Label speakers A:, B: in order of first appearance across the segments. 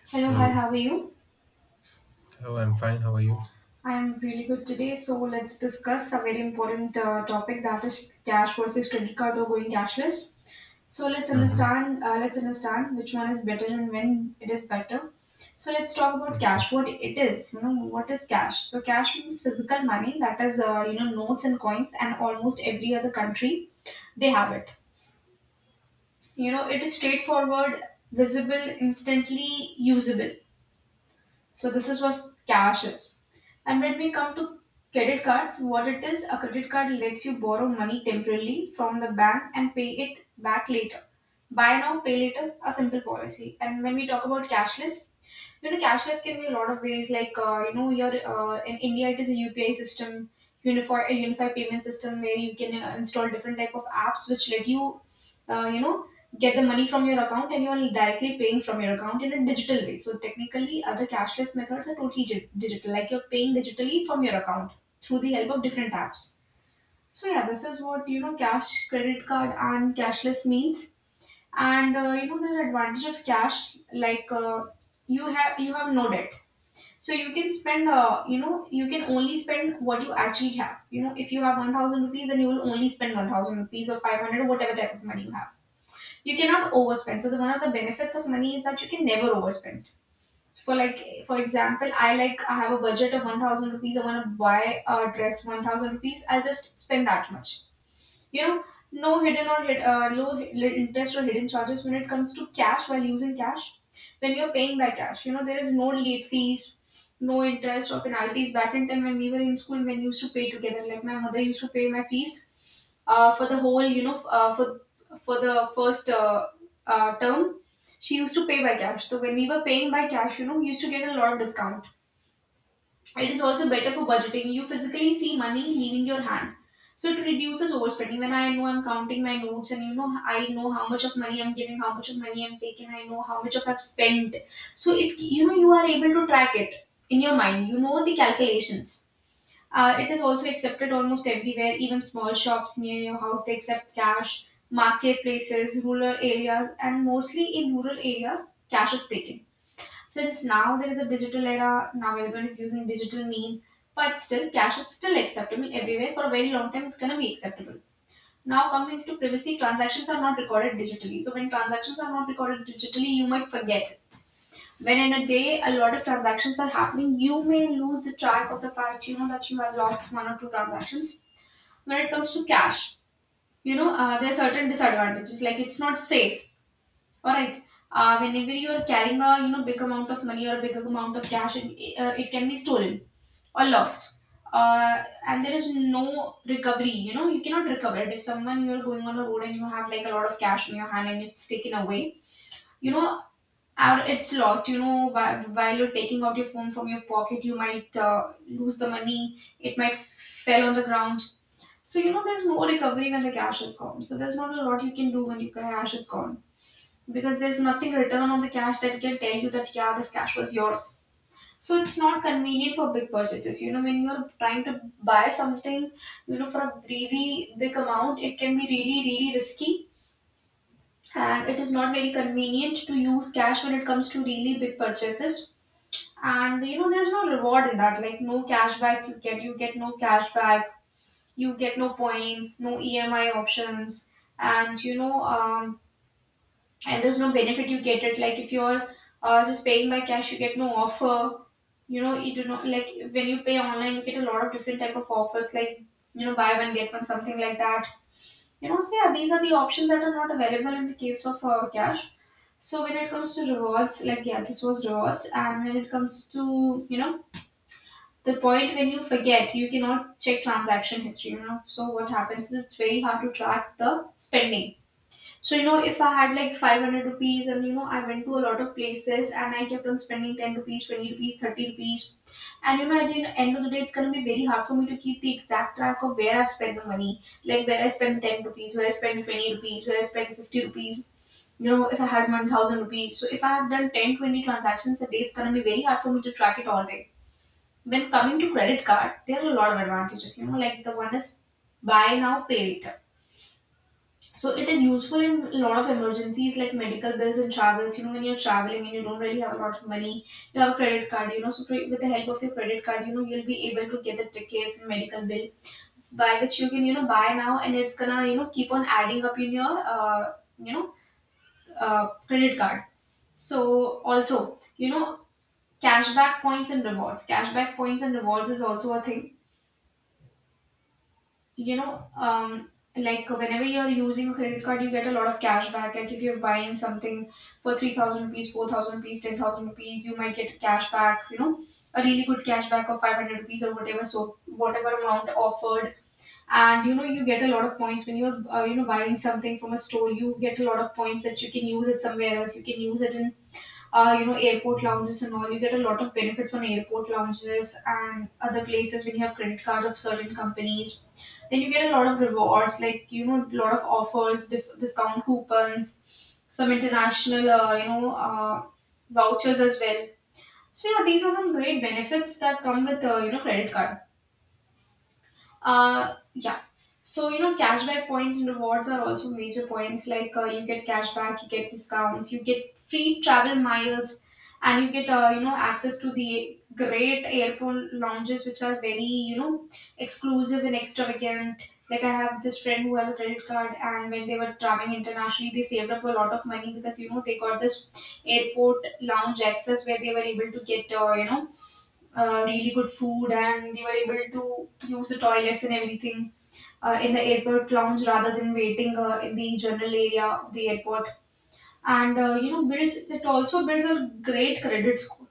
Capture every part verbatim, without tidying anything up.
A: Yes,
B: Hello, hi,
A: hello.
B: how are you?
A: Hello, I'm fine. How are you?
B: I'm really good today. So, let's discuss a very important uh, topic, that is cash versus credit card or going cashless. So, let's
A: Mm-hmm.
B: understand uh, let's understand which one is better and when it is better. So, let's talk about
A: Okay.
B: cash. What it is, you know, what is cash? So, cash means physical money, that is, uh, you know, notes and coins, and almost every other country they have it. You know, it is straightforward, visible, instantly usable. So this is what cash is. And when we come to credit cards, what it is, a credit card lets you borrow money temporarily from the bank and pay it back later. Buy now, pay later, a simple policy. And when we talk about cashless, you know, cashless can be a lot of ways. Like uh, you know, your uh, in India it is a U P I system, unified a unified payment system where you can uh, install different type of apps which let you, uh, you know, get the money from your account, and you're directly paying from your account in a digital way. So technically, other cashless methods are totally gi- digital, like you're paying digitally from your account through the help of different apps. So yeah, this is what you know cash, credit card, and cashless means. And uh, you know the advantage of cash, like uh, you have you have no debt. So you can spend, uh, you know, you can only spend what you actually have. You know, if you have one thousand rupees, then you will only spend one thousand rupees, or five hundred, or whatever type of money you have. You cannot overspend. So the one of the benefits of money is that you can never overspend. So, For like for example, I like I have a budget of one thousand rupees. I want to buy a dress one thousand rupees. I'll just spend that much, you know no hidden or hid, uh, low hi- interest or hidden charges when it comes to cash, while using cash, when you're paying by cash, you know there is no late fees, no interest or penalties. Back in time when we were in school, when we used to pay together, like my mother used to pay my fees uh, for the whole, you know f- uh, for for the first uh, uh, term, she used to pay by cash. So when we were paying by cash, you know we used to get a lot of discount. It is also better for budgeting. You physically see money leaving your hand. So it reduces overspending. When I know I'm counting my notes, and you know I know how much of money I'm giving, how much of money I'm taking, I know how much of I've spent. So it you know you are able to track it in your mind. You know the calculations. Uh, it is also accepted almost everywhere, even small shops near your house, they accept cash, marketplaces, rural areas, and mostly in rural areas, cash is taken. Since now there is a digital era, now everyone is using digital means, but still cash is still acceptable everywhere. For a very long time, it's gonna be acceptable. Now coming to privacy, transactions are not recorded digitally. So when transactions are not recorded digitally, you might forget it. When in a day a lot of transactions are happening, you may lose the track of the fact, you know that you have lost one or two transactions. When it comes to cash, you know uh, there are certain disadvantages, like it's not safe. Alright. Uh, whenever you are carrying a, you know big amount of money or a big amount of cash, it, uh, it can be stolen or lost. Uh, and there is no recovery. You know you cannot recover it. If someone, you are going on a road and you have like a lot of cash in your hand and it's taken away, you know, or it's lost. You know, while, while you're taking out your phone from your pocket, you might uh, lose the money. It might fell on the ground. So you know, there's no recovery when the cash is gone. So there's not a lot you can do when the cash is gone, because there's nothing written on the cash that can tell you that yeah, this cash was yours. So it's not convenient for big purchases. You know, when you're trying to buy something, you know, for a really big amount, it can be really, really risky. And it is not very convenient to use cash when it comes to really big purchases. And you know, there's no reward in that, like no cashback. You get you get no cashback, you get no points, no E M I options. And you know, um, and there's no benefit you get. It, like, if you're uh, just paying by cash, you get no offer. You know, you do not, like when you pay online, you get a lot of different type of offers, like, you know, buy one get one, something like that. You know, so yeah, these are the options that are not available in the case of uh, cash. So when it comes to rewards, like yeah, this was rewards. And when it comes to, you know, the point when you forget, you cannot check transaction history. You know, so what happens is, it's very hard to track the spending. So, you know, if I had like five hundred rupees and, you know, I went to a lot of places and I kept on spending ten rupees, twenty rupees, thirty rupees. And, you know, at the end of the day, it's going to be very hard for me to keep the exact track of where I've spent the money. Like where I spent ten rupees, where I spent twenty rupees, where I spent fifty rupees. You know, if I had one thousand rupees. So if I have done ten, twenty transactions a day, it's going to be very hard for me to track it all day. When coming to credit card, there are a lot of advantages. You know, like the one is buy now, pay later. So it is useful in a lot of emergencies, like medical bills and travels. You know, when you're traveling and you don't really have a lot of money, you have a credit card. You know, so pre- with the help of your credit card, you know, you'll be able to get the tickets and medical bill, by which you can, you know, buy now, and it's gonna, you know, keep on adding up in your, uh, you know, uh, credit card. So also, you know, cashback points and rewards. Cashback points and rewards is also a thing, you know um like whenever you're using a credit card, you get a lot of cash back. Like if you're buying something for three thousand rupees, four thousand rupees, ten thousand rupees, you might get cash back, you know, a really good cash back of five hundred rupees, or whatever, so whatever amount offered. And you know, you get a lot of points when you're uh, you know buying something from a store. You get a lot of points that you can use it somewhere else. You can use it in, uh, you know, airport lounges and all. You get a lot of benefits on airport lounges and other places when you have credit cards of certain companies. Then you get a lot of rewards, like you know, a lot of offers, dif- discount coupons, some international, uh, you know, uh, vouchers as well. So yeah, these are some great benefits that come with uh, you know credit card. Uh, yeah. So you know, cashback points and rewards are also major points. Like uh, you get cashback, you get discounts, you get free travel miles, and you get uh, you know access to the great airport lounges, which are very, you know, exclusive and extravagant. Like I have this friend who has a credit card, and when they were traveling internationally, they saved up a lot of money because you know they got this airport lounge access where they were able to get uh, you know uh, really good food, and they were able to use the toilets and everything uh, in the airport lounge rather than waiting uh, in the general area of the airport. And uh, you know builds it also builds a great credit score.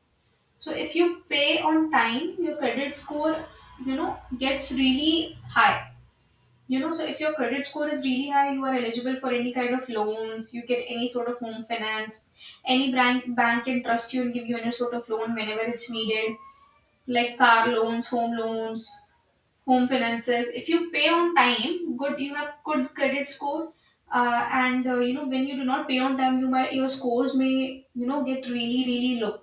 B: So if you pay on time, your credit score, you know gets really high. You know, so if your credit score is really high, you are eligible for any kind of loans. You get any sort of home finance. Any bank bank can trust you and give you any sort of loan whenever it's needed, like car loans, home loans, home finances. If you pay on time, good, you have good credit score. Uh, and uh, you know when you do not pay on time, you might your scores may, you know, get really really low.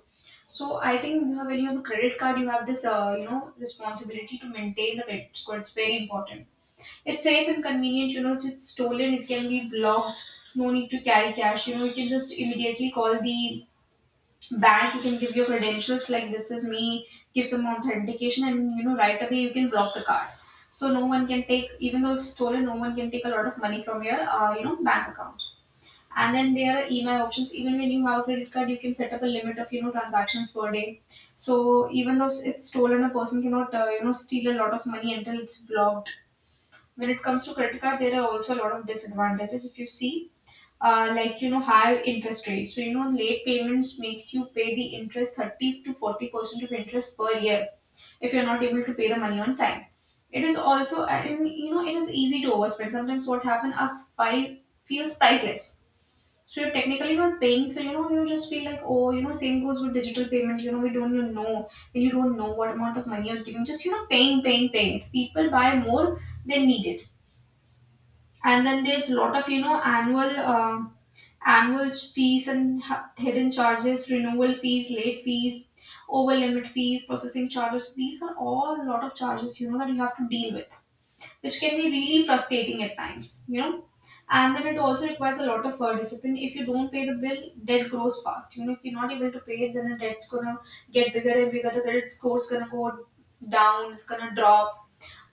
B: So I think you have when you have a credit card, you have this uh, you know, responsibility to maintain the credit score. It's very important. It's safe and convenient. You know, if it's stolen, it can be blocked. No need to carry cash. You know, you can just immediately call the bank, you can give your credentials, like this is me, give some authentication, and you know, right away you can block the card, so no one can take, even though it's stolen, no one can take a lot of money from your uh, you know, bank account. And then there are EMI options. Even when you have a credit card, you can set up a limit of, you know, transactions per day. So even though it's stolen, a person cannot uh, you know, steal a lot of money until it's blocked. When it comes to credit card, there are also a lot of disadvantages, if you see, uh, like, you know, high interest rate. So, you know, late payments makes you pay the interest, thirty to forty percent of interest per year, if you're not able to pay the money on time. It is also, and you know, it is easy to overspend. Sometimes what happen us five feels priceless. So you're technically not paying, so you know, you just feel like, oh, you know, same goes with digital payment, you know, we don't even know, you don't know what amount of money you're giving. Just, you know, paying paying paying people buy more than needed. And then there's a lot of, you know, annual uh, annual fees and h- hidden charges, renewal fees, late fees, over limit fees, processing charges. These are all a lot of charges, you know, that you have to deal with, which can be really frustrating at times, you know. And then it also requires a lot of uh, discipline. If you don't pay the bill, debt grows fast, you know. If you're not able to pay it, then the debt's gonna get bigger and bigger, the credit score's gonna go down, it's gonna drop.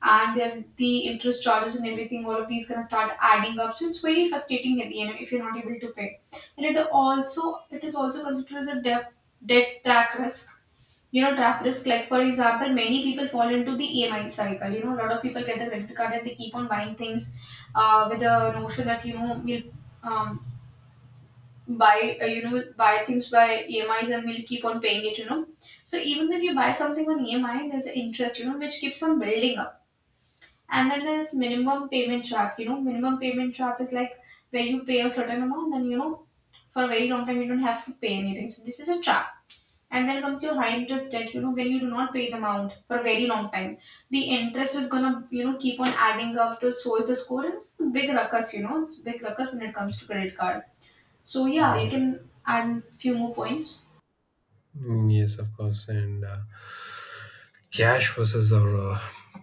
B: And then the interest charges and everything, all of these gonna start adding up. So it's very frustrating at the end if you're not able to pay. And it also it is also considered as a debt debt trap risk. You know, trap risk. Like for example, many people fall into the E M I cycle. You know, a lot of people get the credit card and they keep on buying things uh, with the notion that, you know, we'll um, buy uh, you know, we'll buy things by E M Is and we'll keep on paying it. You know, so even if you buy something on E M I, there's an interest, you know, which keeps on building up. And then there's minimum payment trap. You know, minimum payment trap is like where you pay a certain amount, then, you know, for a very long time you don't have to pay anything. So this is a trap. And then comes your high interest debt, you know, when you do not pay the amount for a very long time. The interest is gonna, you know, keep on adding up, the so the score is a big ruckus, you know, it's a big ruckus when it comes to credit card. So yeah, you
A: Yes.
B: can add few more points.
A: Mm, Yes, of course. And uh, cash versus or uh,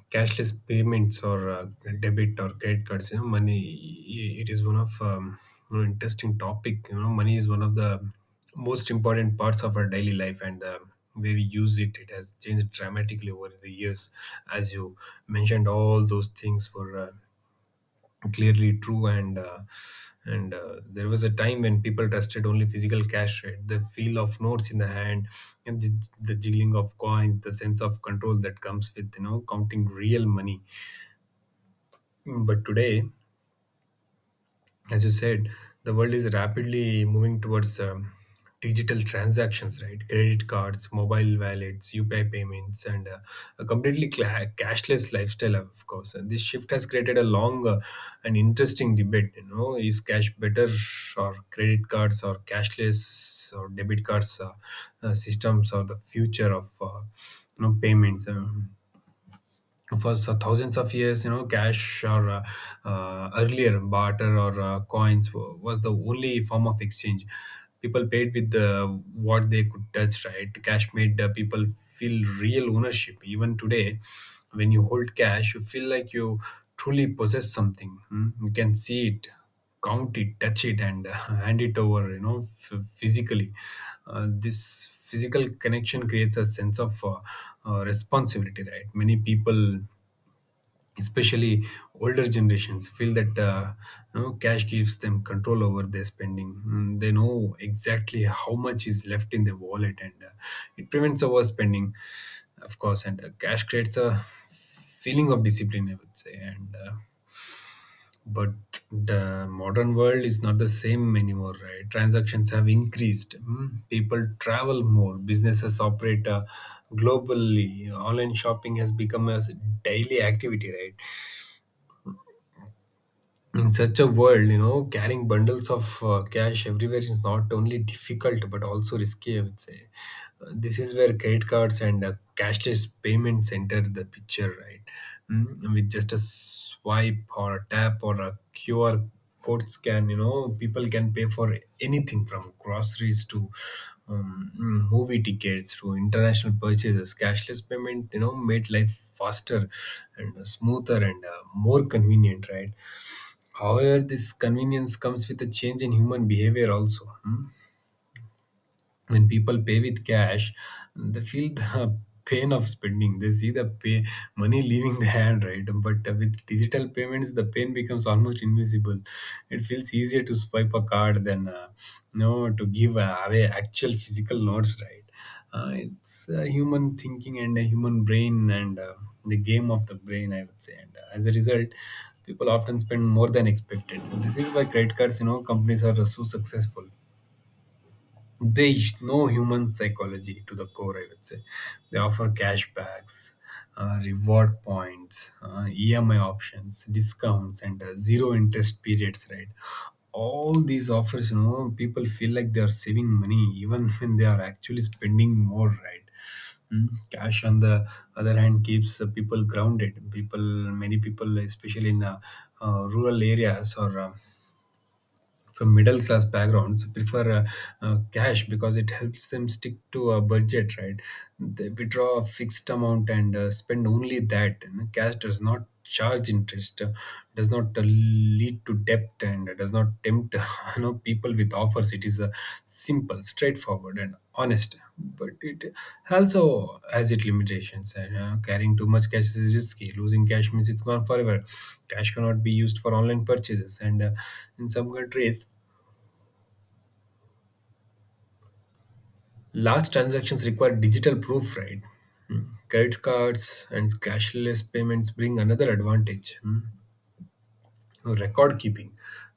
A: cashless payments or uh, debit or credit cards. You know, money. i- It is one of um, you know, interesting topic. You know, money is one of the most important parts of our daily life, and the way we use it, it has changed dramatically over the years. As you mentioned, all those things were. Uh, clearly true and uh, and uh, there was a time when people trusted only physical cash, right? The feel of notes in the hand and the, the jiggling of coins, the sense of control that comes with, you know, counting real money. Mm, but today, as you said, the world is rapidly moving towards um, digital transactions, right? Credit cards, mobile wallets, U P I payments, and uh, a completely cla cashless lifestyle, of course. And this shift has created a long uh, and interesting debate. You know, is cash better, or credit cards, or cashless, or debit cards uh, uh, systems, or the future of uh, you know, payments? Uh, for so- thousands of years, you know, cash or uh, uh, earlier barter or uh, coins wa- was the only form of exchange. People paid with uh, what they could touch, right? Cash made uh, people feel real ownership. Even today, when you hold cash, you feel like you truly possess something. Hmm? You can see it, count it, touch it, and uh, hand it over, you know, f- physically. Uh, this physical connection creates a sense of uh, uh, responsibility, right? Many people, especially older generations, feel that, uh, you know, cash gives them control over their spending. Mm, they know exactly how much is left in their wallet, and uh, it prevents overspending, of course. And uh, cash creates a feeling of discipline, I would say. And uh, but the modern world is not the same anymore, right? Transactions have increased. mm. People travel more, businesses operate uh, globally, online shopping has become a daily activity, right? In such a world, you know, carrying bundles of uh, cash everywhere is not only difficult but also risky, I would say. Uh, this is where credit cards and uh, cashless payments enter the picture, right? Mm, with just a swipe or a tap or a Q R code scan, you know, people can pay for anything from groceries to um, mm, movie tickets to international purchases. Cashless payment, you know, made life faster and smoother and uh, more convenient, right? However, this convenience comes with a change in human behavior also. Hmm when people pay with cash, they feel the pain of spending. They see the pay money leaving the hand, right? But uh, with digital payments, the pain becomes almost invisible. It feels easier to swipe a card than, uh, you know, to give uh, away actual physical notes, right? Uh, it's uh, human thinking and a human brain, and uh, the game of the brain, I would say. And uh, as a result, people often spend more than expected. This is why credit cards, you know, companies are so successful. They know human psychology to the core, I would say. They offer cashbacks, uh, reward points, uh, E M I options, discounts, and uh, zero interest periods, right? All these offers, you know, people feel like they are saving money even when they are actually spending more, right? Mm. Cash, on the other hand, keeps uh, people grounded. People, many people, especially in uh, uh, rural areas or uh, from middle class backgrounds, prefer uh, uh, cash because it helps them stick to a budget, right? They withdraw a fixed amount and uh, spend only that, you know. Cash does not charge interest, uh, does not uh, lead to debt, and does not tempt you know, people with offers. It is a simple, straightforward, and honest, but it also has its limitations. And uh, carrying too much cash is risky, losing cash means it's gone forever. Cash cannot be used for online purchases, and uh, in some countries, large transactions require digital proof, right? Hmm. Credit cards and cashless payments bring another advantage. Hmm. Record keeping.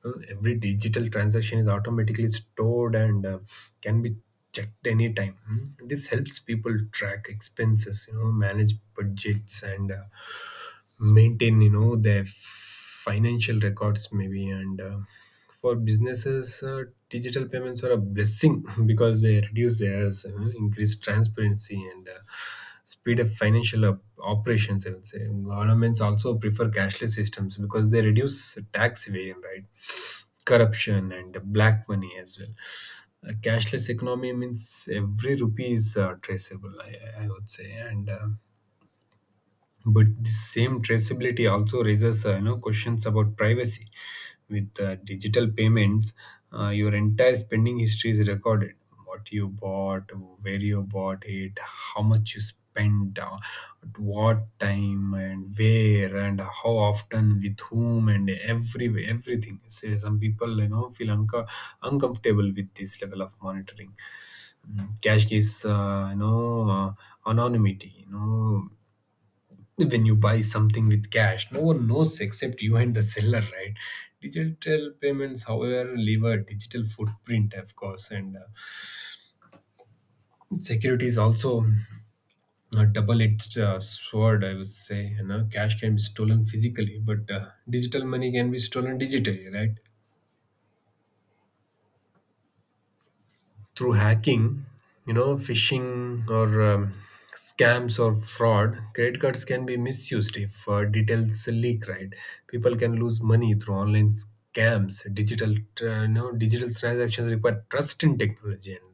A: Uh, every digital transaction is automatically stored and uh, can be checked anytime. Mm. This helps people track expenses, you know, manage budgets and uh, maintain, you know, their financial records maybe. And uh, for businesses, uh, digital payments are a blessing because they reduce errors, you know, increase transparency, and uh, speed up financial op- operations, I would say. Governments also prefer cashless systems because they reduce tax evasion, right? Corruption and black money as well. A cashless economy means every rupee is uh, traceable, I, I would say. And uh, but the same traceability also raises, uh, you know, questions about privacy. With uh, digital payments, uh, your entire spending history is recorded. What you bought, where you bought it, how much you spent, uh, at what time and where and how often, with whom, and every everything. So some people, you know, feel unco- uncomfortable with this level of monitoring. Mm, cash is, uh, you know, uh, anonymity, you know. When you buy something with cash, no one knows except you and the seller, right? Digital payments, however, leave a digital footprint, of course. And uh, security is also a double-edged uh, sword, I would say. You know, cash can be stolen physically, but uh, digital money can be stolen digitally, right? Through hacking, you know, phishing, or um, scams or fraud, credit cards can be misused if uh, details leak. Right, people can lose money through online scams. Digital, uh, you know, digital transactions require trust in technology and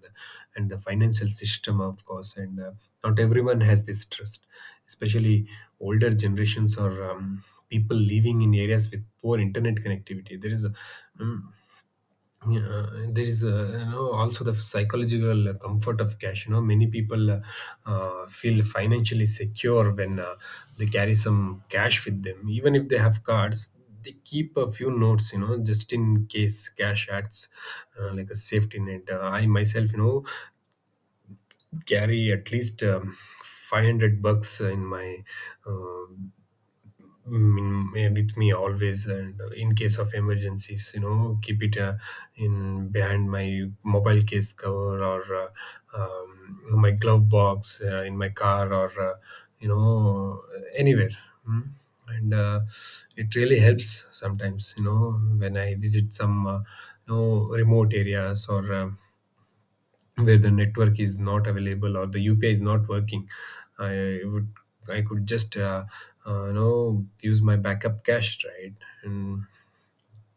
A: and the financial system, of course. And uh, not everyone has this trust, especially older generations or um, people living in areas with poor internet connectivity. There is a, mm, Yeah, there is, uh, you know, also the psychological uh, comfort of cash. You know, many people uh, uh, feel financially secure when uh, they carry some cash with them, even if they have cards. They keep a few notes, you know, just in case. Cash acts uh, like a safety net. Uh, I myself, you know, carry at least um, five hundred bucks in my uh, mm, eh, with me always. And uh, in case of emergencies, you know, keep it uh, in behind my mobile case cover, or uh, um, my glove box uh, in my car, or uh, you know, anywhere. Mm. and uh, It really helps sometimes, you know, when I visit some, uh, you know, remote areas, or um where the network is not available or the U P I is not working. I would I could just uh, uh, you know, use my backup cache, right? And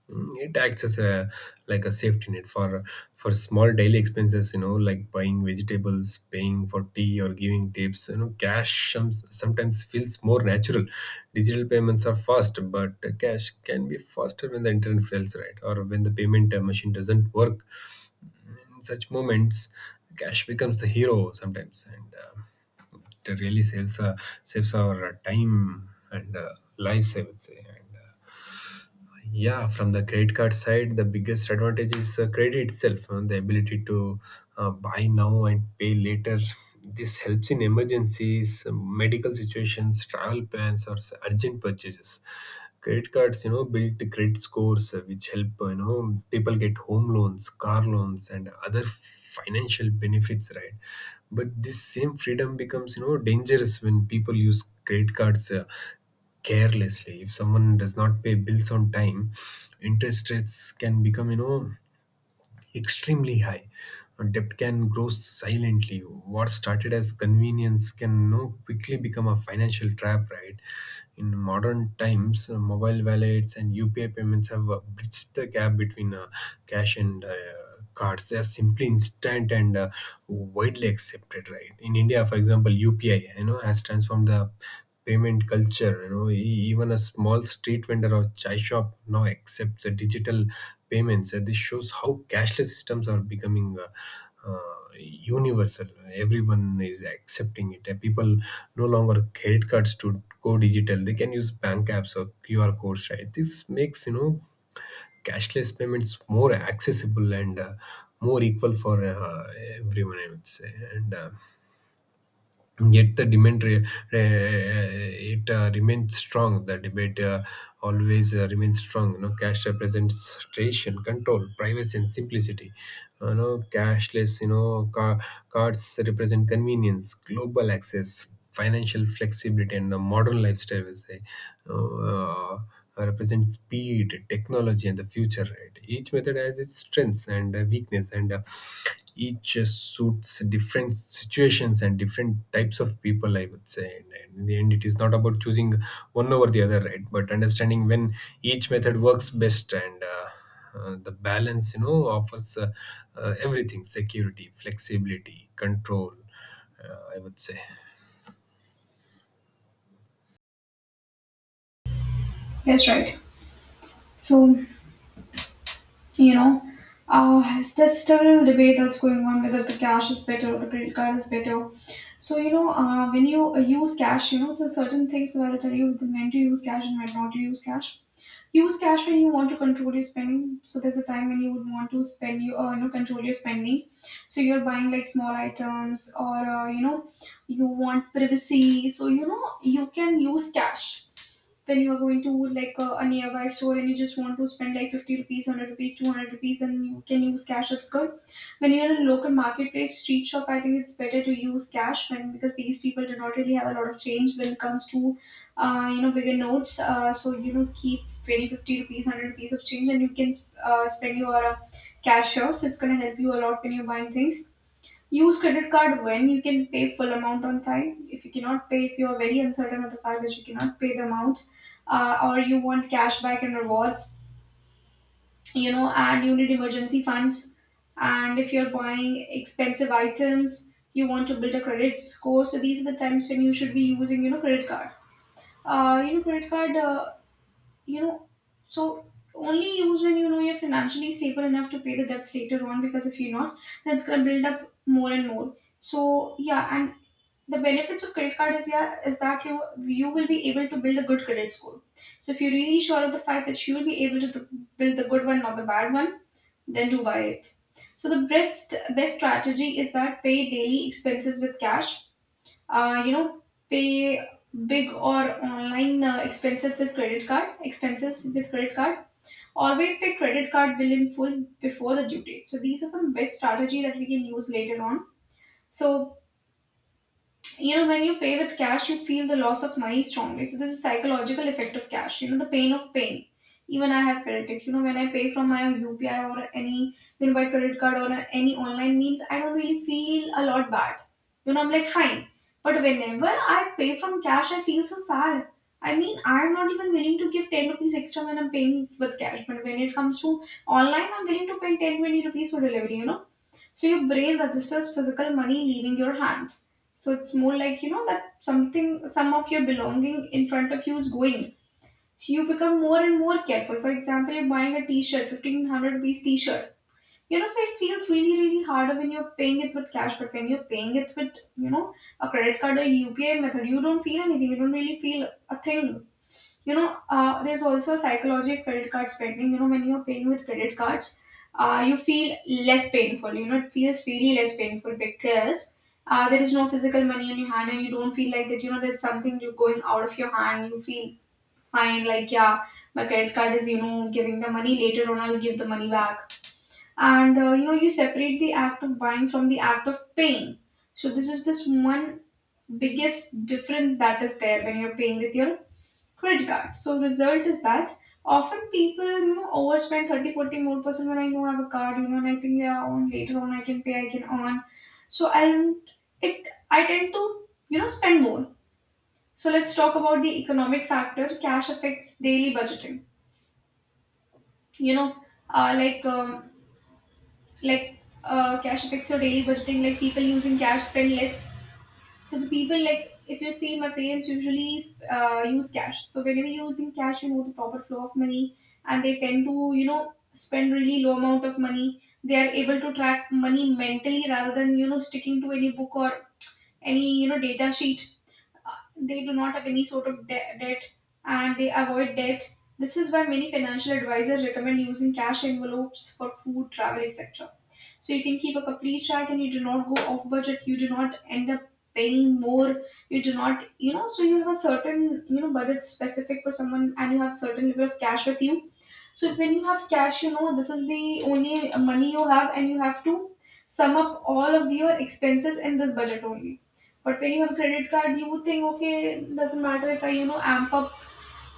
A: mm, it acts as a like a safety net for for small daily expenses, you know, like buying vegetables, paying for tea, or giving tips. You know, cash some, sometimes feels more natural. Digital payments are fast, but cash can be faster when the internet fails, right? Or when the payment uh, machine doesn't work. In such moments, cash becomes the hero sometimes. And uh, it really saves uh, saves our uh, time and uh, lives, I would say. And uh, Yeah, from the credit card side, the biggest advantage is uh, credit itself, uh, the ability to uh, buy now and pay later. This helps in emergencies, um, medical situations, travel plans, or s- urgent purchases. Credit cards, you know, build the credit scores, uh, which help, uh, you know, people get home loans, car loans, and other financial benefits, right? But this same freedom becomes, you know, dangerous when people use credit cards Uh, carelessly. If someone does not pay bills on time, interest rates can become, you know, extremely high. Uh, debt can grow silently. What started as convenience can, you know, quickly become a financial trap, right? In modern times, uh, mobile wallets and U P I payments have uh, bridged the gap between uh, cash and uh, cards. They are simply instant and uh, widely accepted, right? In India, for example, U P I, you know, has transformed the payment culture. You know, E- even a small street vendor or chai shop now accepts uh, digital payments. Uh, this shows how cashless systems are becoming. Uh, uh, universal, everyone is accepting it. People no longer credit cards to go digital, they can use bank apps or Q R codes, right? This makes, you know, cashless payments more accessible and uh, more equal for uh, everyone, I would say. And uh, Yet the demand re- re- it uh, remains strong. The debate uh, always uh, remains strong. You know, cash represents tradition, control, privacy, and simplicity. You know, cashless. You know, car- cards represent convenience, global access, financial flexibility, and a modern lifestyle, we say uh, represent speed, technology, and the future, right? Each method has its strengths and uh, weakness, and uh, each uh, suits different situations and different types of people, I would say, and, and in the end it is not about choosing one over the other, right, but understanding when each method works best. And uh, uh, the balance, you know, offers uh, uh, everything: security, flexibility, control, uh, I would say.
B: Yes, right. So, you know, uh, there's still debate that's going on whether the cash is better or the credit card is better. So you know, uh, when you uh, use cash, you know, so certain things where I tell you when to use cash and when not to use cash. Use cash when you want to control your spending. So there's a time when you would want to spend you, uh, you know, control your spending. So you're buying like small items, or uh, you know, you want privacy. So, you know, you can use cash when you are going to like a, a nearby store, and you just want to spend like fifty rupees, hundred rupees, two hundred rupees, then you can use cash. It's good when you're in a local marketplace, street shop, I think it's better to use cash when because these people do not really have a lot of change when it comes to uh, you know, bigger notes. Uh, so, you know, keep twenty, fifty rupees, hundred rupees of change, and you can uh, spend your uh, cash here. So it's going to help you a lot when you're buying things. Use credit card when you can pay full amount on time. If you cannot pay, if you are very uncertain of the fact that you cannot pay the amount, uh, or you want cash back and rewards, you know, and you need emergency funds, and if you're buying expensive items, you want to build a credit score. So these are the times when you should be using, you know, credit card. Uh, you know, credit card. Uh, you know, so only use when you know you're financially stable enough to pay the debts later on. Because if you're not, that's gonna build up more and more. So yeah, and the benefits of credit card is, yeah, is that you you will be able to build a good credit score. So if you're really sure of the fact that you will be able to th- build the good one, not the bad one, then do buy it. So the best best strategy is that pay daily expenses with cash, uh, you know, pay big or online uh, expenses with credit card, expenses with credit card always pay credit card bill in full before the due date. So these are some best strategy that we can use later on. So, you know, when you pay with cash, you feel the loss of money strongly. So there's a psychological effect of cash, you know, the pain of paying. Even I have felt it, you know, when I pay from my UPI or any, you know, by credit card or any online means, I don't really feel a lot bad, you know, I'm like fine. But whenever I pay from cash, I feel so sad. I mean, I'm not even willing to give ten rupees extra when I'm paying with cash, but when it comes to online, I'm willing to pay ten twenty rupees for delivery, you know. So your brain registers physical money leaving your hand. So it's more like, you know, that something, some of your belonging in front of you is going. So you become more and more careful. For example, you're buying a t-shirt, fifteen hundred rupees t-shirt. You know, so it feels really, really harder when you're paying it with cash, but when you're paying it with, you know, a credit card or U P I method, you don't feel anything. You don't really feel a thing, you know. Uh, there's also a psychology of credit card spending, you know, when you're paying with credit cards, uh, you feel less painful, you know, it feels really less painful because uh, there is no physical money in your hand, and you don't feel like that, you know, there's something you going out of your hand. You feel fine, like, yeah, my credit card is, you know, giving the money, later on I'll give the money back. And uh, you know, you separate the act of buying from the act of paying. So this is this one biggest difference that is there when you're paying with your credit card. So result is that often people, you know, overspend thirty forty more percent when I know I have a card, you know, and I think yeah, on later on I can pay, I can earn. So not it, I tend to, you know, spend more. So let's talk about the economic factor. Cash affects daily budgeting. You know, uh, like um, like uh, cash affects your daily budgeting. Like people using cash spend less. So the people, like if you see my parents usually uh, use cash. So whenever you're using cash, you know the proper flow of money, and they tend to, you know, spend really low amount of money. They are able to track money mentally rather than, you know, sticking to any book or any, you know, data sheet. uh, they do not have any sort of de- debt, and they avoid debt. This is why many financial advisors recommend using cash envelopes for food, travel, et cetera. So you can keep a complete track and you do not go off budget, you do not end up paying more, you do not, you know, so you have a certain, you know, budget specific for someone, and you have certain level of cash with you. So when you have cash, you know, this is the only money you have and you have to sum up all of your expenses in this budget only. But when you have credit card, you think, okay, doesn't matter if I, you know, amp up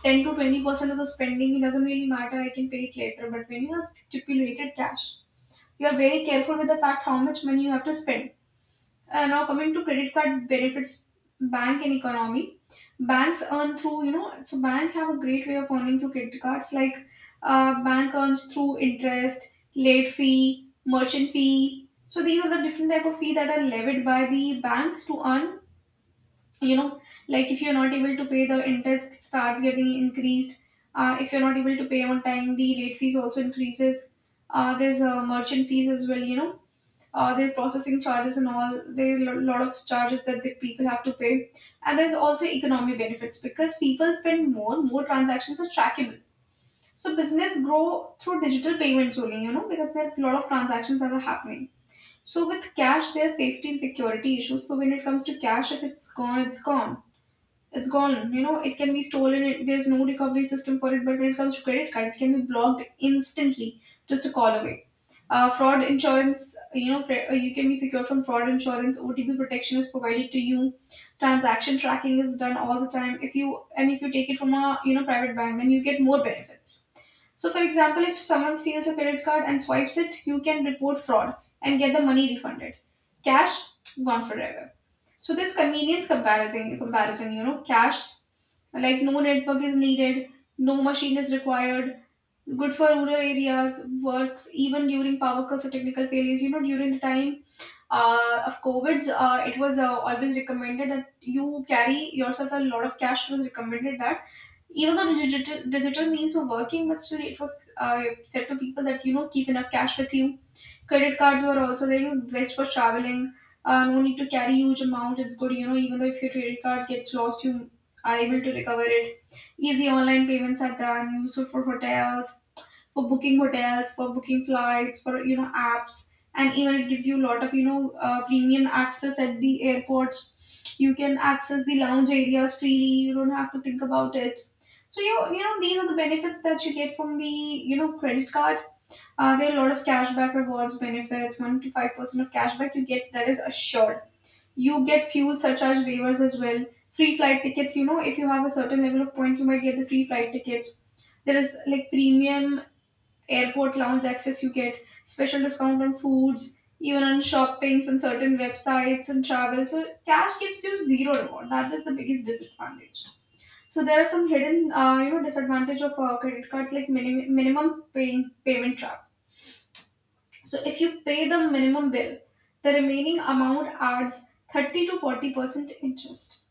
B: ten to twenty percent of the spending, it doesn't really matter, I can pay it later. But when you have stipulated cash, you are very careful with the fact how much money you have to spend. Uh, now, coming to credit card benefits, bank and economy, banks earn through, you know, so bank have a great way of earning through credit cards, like uh, bank earns through interest, late fee, merchant fee. So these are the different type of fee that are levied by the banks to earn, you know, like if you're not able to pay, the interest starts getting increased. Uh, if you're not able to pay on time, the late fees also increases. Uh, there's uh, merchant fees as well, you know. Uh, there are processing charges and all. There are a lot of charges that the people have to pay, and there's also economic benefits because people spend more, more transactions are trackable, so business grow through digital payments only, you know, because there are a lot of transactions that are happening. So with cash there's safety and security issues. So when it comes to cash, if it's gone it's gone it's gone You know, it can be stolen. It, there's no recovery system for it. But when it comes to credit card, it can be blocked instantly, just a call away. Uh, fraud insurance, you know, fra- uh, you can be secure from fraud insurance. O T P protection is provided to you. Transaction tracking is done all the time. If you and if you take it from a, you know, private bank, then you get more benefits. So, for example, if someone steals your credit card and swipes it, you can report fraud and get the money refunded. Cash gone forever. So this convenience comparison, comparison, you know, cash, like no network is needed, no machine is required, good for rural areas, works even during power cuts or technical failures. You know, during the time uh, of COVID, uh, it was uh, always recommended that you carry yourself a lot of cash. It was recommended that even though digital, digital means were working, but still it was uh, said to people that, you know, keep enough cash with you. Credit cards were also there, you know, best for traveling. Uh, no need to carry huge amount. It's good, you know, even though if your credit card gets lost, you are able to recover it. Easy online payments are done, useful for hotels, for booking hotels, for booking flights, for, you know, apps, and even it gives you a lot of, you know, uh, premium access at the airports. You can access the lounge areas freely. You don't have to think about it. So you you know these are the benefits that you get from the, you know, credit card. Uh, there are a lot of cashback rewards benefits. One to five percent of cashback you get, that is assured. You get fuel surcharge waivers as well. Free flight tickets. You know, if you have a certain level of point, you might get the free flight tickets. There is like premium airport lounge access you get, special discount on foods, even on shoppings on certain websites and travel. So cash gives you zero reward, that is the biggest disadvantage. So there are some hidden, uh, you know, disadvantage of uh, credit cards, like minim- minimum paying payment trap. So if you pay the minimum bill, the remaining amount adds thirty to forty percent interest,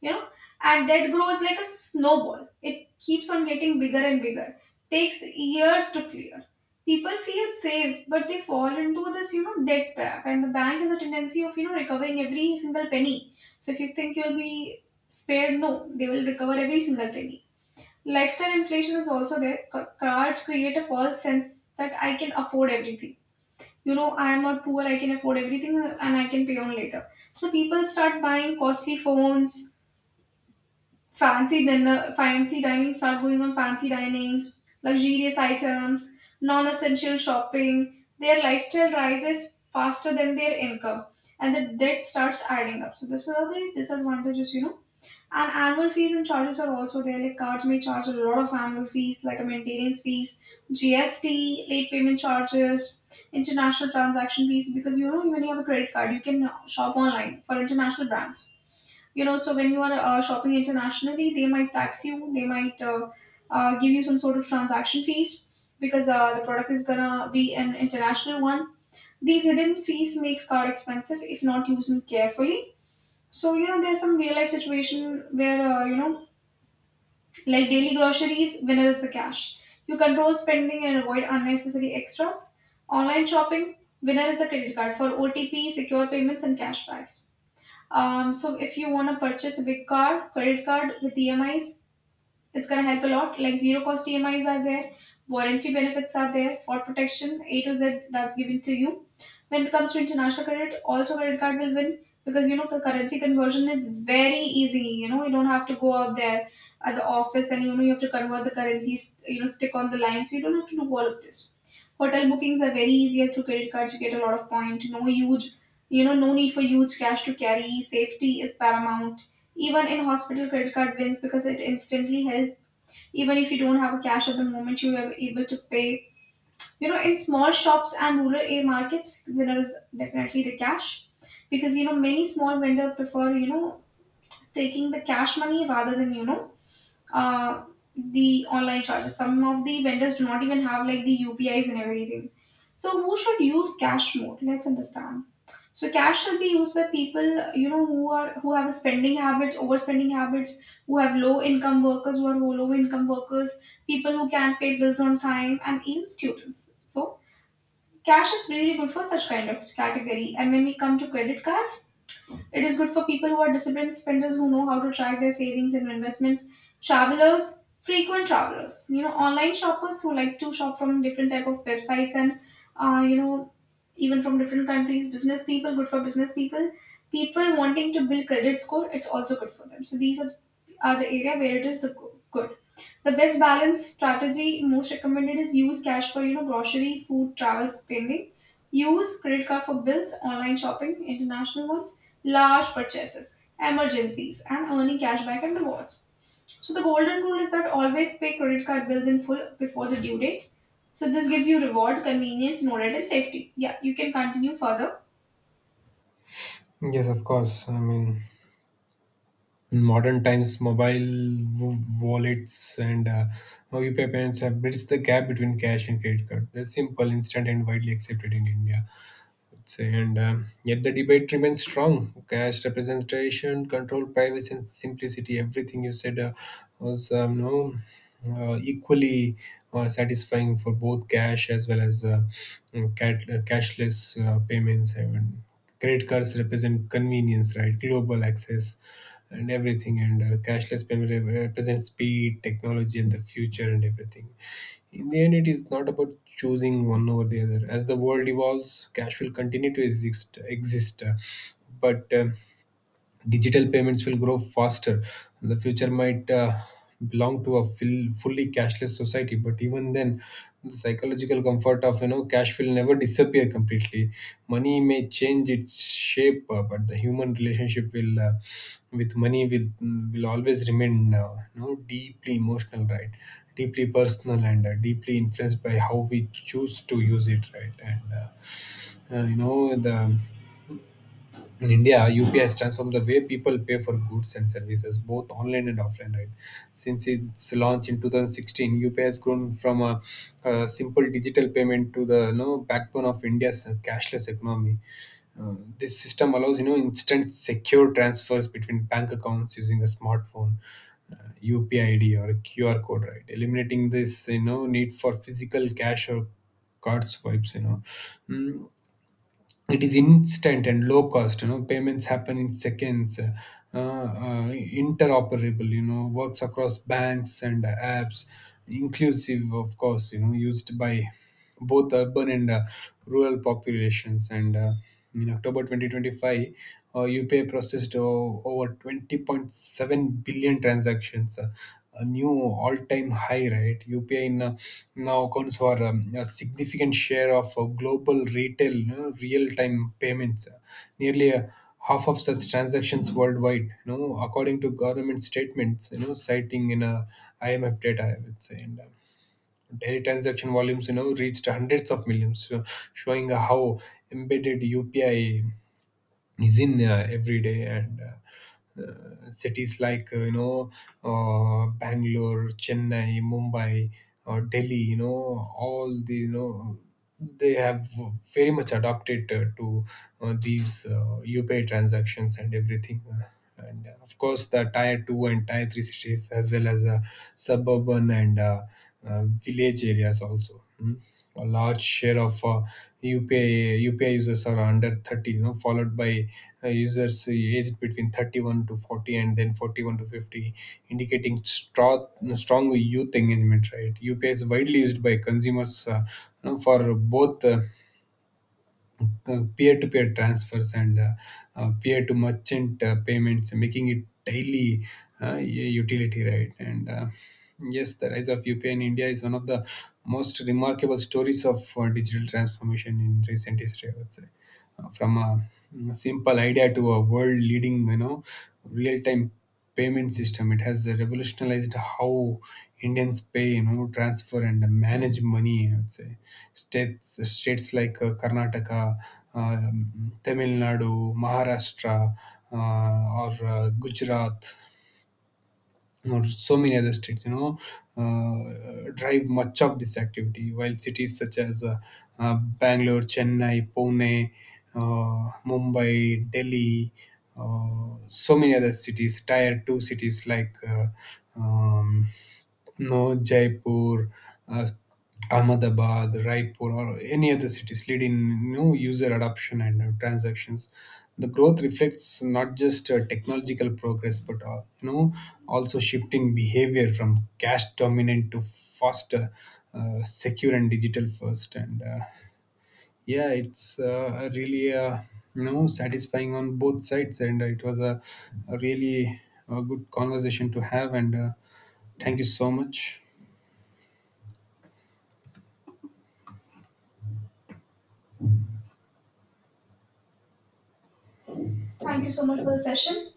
B: you know, and that grows like a snowball, it keeps on getting bigger and bigger, takes years to clear. People feel safe, but they fall into this, you know, debt trap, and the bank has a tendency of, you know, recovering every single penny. So if you think you'll be spared, no, they will recover every single penny. Lifestyle inflation is also there. C- cards create a false sense that I can afford everything, you know, I am not poor, I can afford everything, and I can pay on later. So people start buying costly phones, fancy dinner, fancy dining, start going on fancy dinings, luxurious items, non-essential shopping. Their lifestyle rises faster than their income, and the debt starts adding up. So this are the disadvantages, you know. And annual fees and charges are also there. Like cards may charge a lot of annual fees, like a maintenance fees, G S T, late payment charges, international transaction fees. Because, you know, when you have a credit card, you can shop online for international brands, you know, so when you are uh, shopping internationally, they might tax you, they might uh, uh, give you some sort of transaction fees, because uh, the product is gonna be an international one. These hidden fees makes card expensive if not used carefully. So, you know, there's some real life situation where, uh, you know, like daily groceries, winner is the cash, you control spending and avoid unnecessary extras. Online shopping, winner is a credit card for OTP secure payments and cashbacks. Um, so if you want to purchase a big car, credit card with E M Is, it's going to help a lot. Like zero cost E M Is are there, warranty benefits are there, fraud protection, A to Z, that's given to you. When it comes to international credit, also credit card will win, because, you know, the currency conversion is very easy. You know, you don't have to go out there at the office and, you know, you have to convert the currencies, you know, stick on the lines. You don't have to do all of this. Hotel bookings are very easier through credit cards. You get a lot of point. No huge, you know, no need for huge cash to carry. Safety is paramount. Even in hospital, credit card wins because it instantly helps. Even if you don't have a cash at the moment, you are able to pay, you know, in small shops and rural a markets, winner is definitely the cash, because, you know, many small vendor prefer, you know, taking the cash money rather than, you know, uh, the online charges. Some of the vendors do not even have like the U P Is and everything. So who should use cash more? Let's understand. So cash should be used by people, you know, who are who have spending habits, overspending habits, who have low income workers, who are low income workers, people who can't pay bills on time, and even students. So cash is really good for such kind of category. And when we come to credit cards, it is good for people who are disciplined spenders, who know how to track their savings and investments, travelers, frequent travelers, you know, online shoppers who like to shop from different type of websites and, uh, you know, even from different countries, business people, good for business people, people wanting to build credit score, it's also good for them. So these are are the area where it is the go- good. The best balance strategy most recommended is use cash for, you know, grocery, food, travel spending. Use credit card for bills, online shopping, international ones, large purchases, emergencies, and earning cashback and rewards. So the golden rule is that always pay credit card bills in full before the due date. So this gives you reward, convenience, no red, and safety. Yeah, you can continue further.
A: Yes, of course. I mean, in modern times, mobile w- wallets and uh, U P I payments have bridged the gap between cash and credit cards. They're simple, instant, and widely accepted in India. And um, yet the debate remains strong. Cash representation, control, privacy, and simplicity. Everything you said uh, was um, no, uh, equally uh, satisfying for both cash as well as uh, cat, uh, cashless uh, payments. I mean, credit cards represent convenience, right? Global access and everything. And uh, cashless payment re- represents speed, technology, and the future, and everything. In the end, it is not about choosing one over the other. As the world evolves, cash will continue to exist, exist. Uh, but uh, digital payments will grow faster. The future might uh, belong to a full, fully cashless society, but even then, the psychological comfort of, you know, cash will never disappear completely. Money may change its shape, uh, but the human relationship will uh, with money will will always remain, uh, you know, deeply emotional, right? Deeply personal, and uh, deeply influenced by how we choose to use it, right? And uh, uh, you know, the in India, U P I has transformed the way people pay for goods and services, both online and offline. Right, since its launch in twenty sixteen, U P I has grown from a, a simple digital payment to the, you know, backbone of India's cashless economy. Uh, this system allows, you know, instant secure transfers between bank accounts using a smartphone, uh, UPI ID, or a QR code, right, eliminating this, you know, need for physical cash or card swipes, you know. Mm, it is instant and low cost, you know. Payments happen in seconds, uh, uh, interoperable, you know, works across banks and apps, inclusive, of course, you know, used by both urban and uh, rural populations. And uh, in October twenty twenty-five, uh, U P I processed uh, over twenty point seven billion transactions, uh, a new all-time high, right? U P I in, uh, now accounts for um, a significant share of uh, global retail, you know, real-time payments, uh, nearly uh, half of such transactions worldwide, you know, according to government statements, you know, citing in a I M F data, I would say. And uh, Daily transaction volumes, you know, reached hundreds of millions, so showing how embedded U P I is in uh, every day. And uh, uh, cities like, uh, you know, uh, Bangalore, Chennai, Mumbai, or Delhi, you know, all the, you know, they have very much adopted uh, to uh, these uh, UPay transactions and everything. And uh, of course the tier two and tier three cities as well as uh, suburban and uh, uh, village areas also. Hmm? A large share of uh, U P I U P I users are under thirty, you know, followed by uh, users aged between thirty-one to forty and then forty-one to fifty, indicating strong, strong youth engagement. Right, U P I is widely used by consumers, uh, you know, for both. Uh, uh, peer-to-peer transfers and uh, uh, peer-to-merchant uh, payments, making it daily uh, u- utility, right? And uh, yes, the rise of U P I in India is one of the most remarkable stories of uh, digital transformation in recent history, I would say. Uh, from a mm, simple idea to a world-leading, you know, real-time payment system, it has revolutionized how Indians pay, you know, transfer, and manage money, I would say. States states like uh, Karnataka, um, Tamil Nadu, Maharashtra, uh, or uh, Gujarat, or so many other states, you know, uh, drive much of this activity, while cities such as uh, uh, Bangalore, Chennai, Pune, uh, Mumbai, Delhi, uh, so many other cities, tier two cities like uh, um, no, Jaipur, uh, Ahmedabad, Raipur, or any other cities lead in new user adoption and uh, transactions. The growth reflects not just uh, technological progress, but, uh, you know, also shifting behavior from cash dominant to faster, uh, secure, and digital first. And uh, yeah, it's uh, really uh, you know, satisfying on both sides, and uh, it was a, a really uh good conversation to have. And uh, thank you so much.
B: Thank you so much for the session.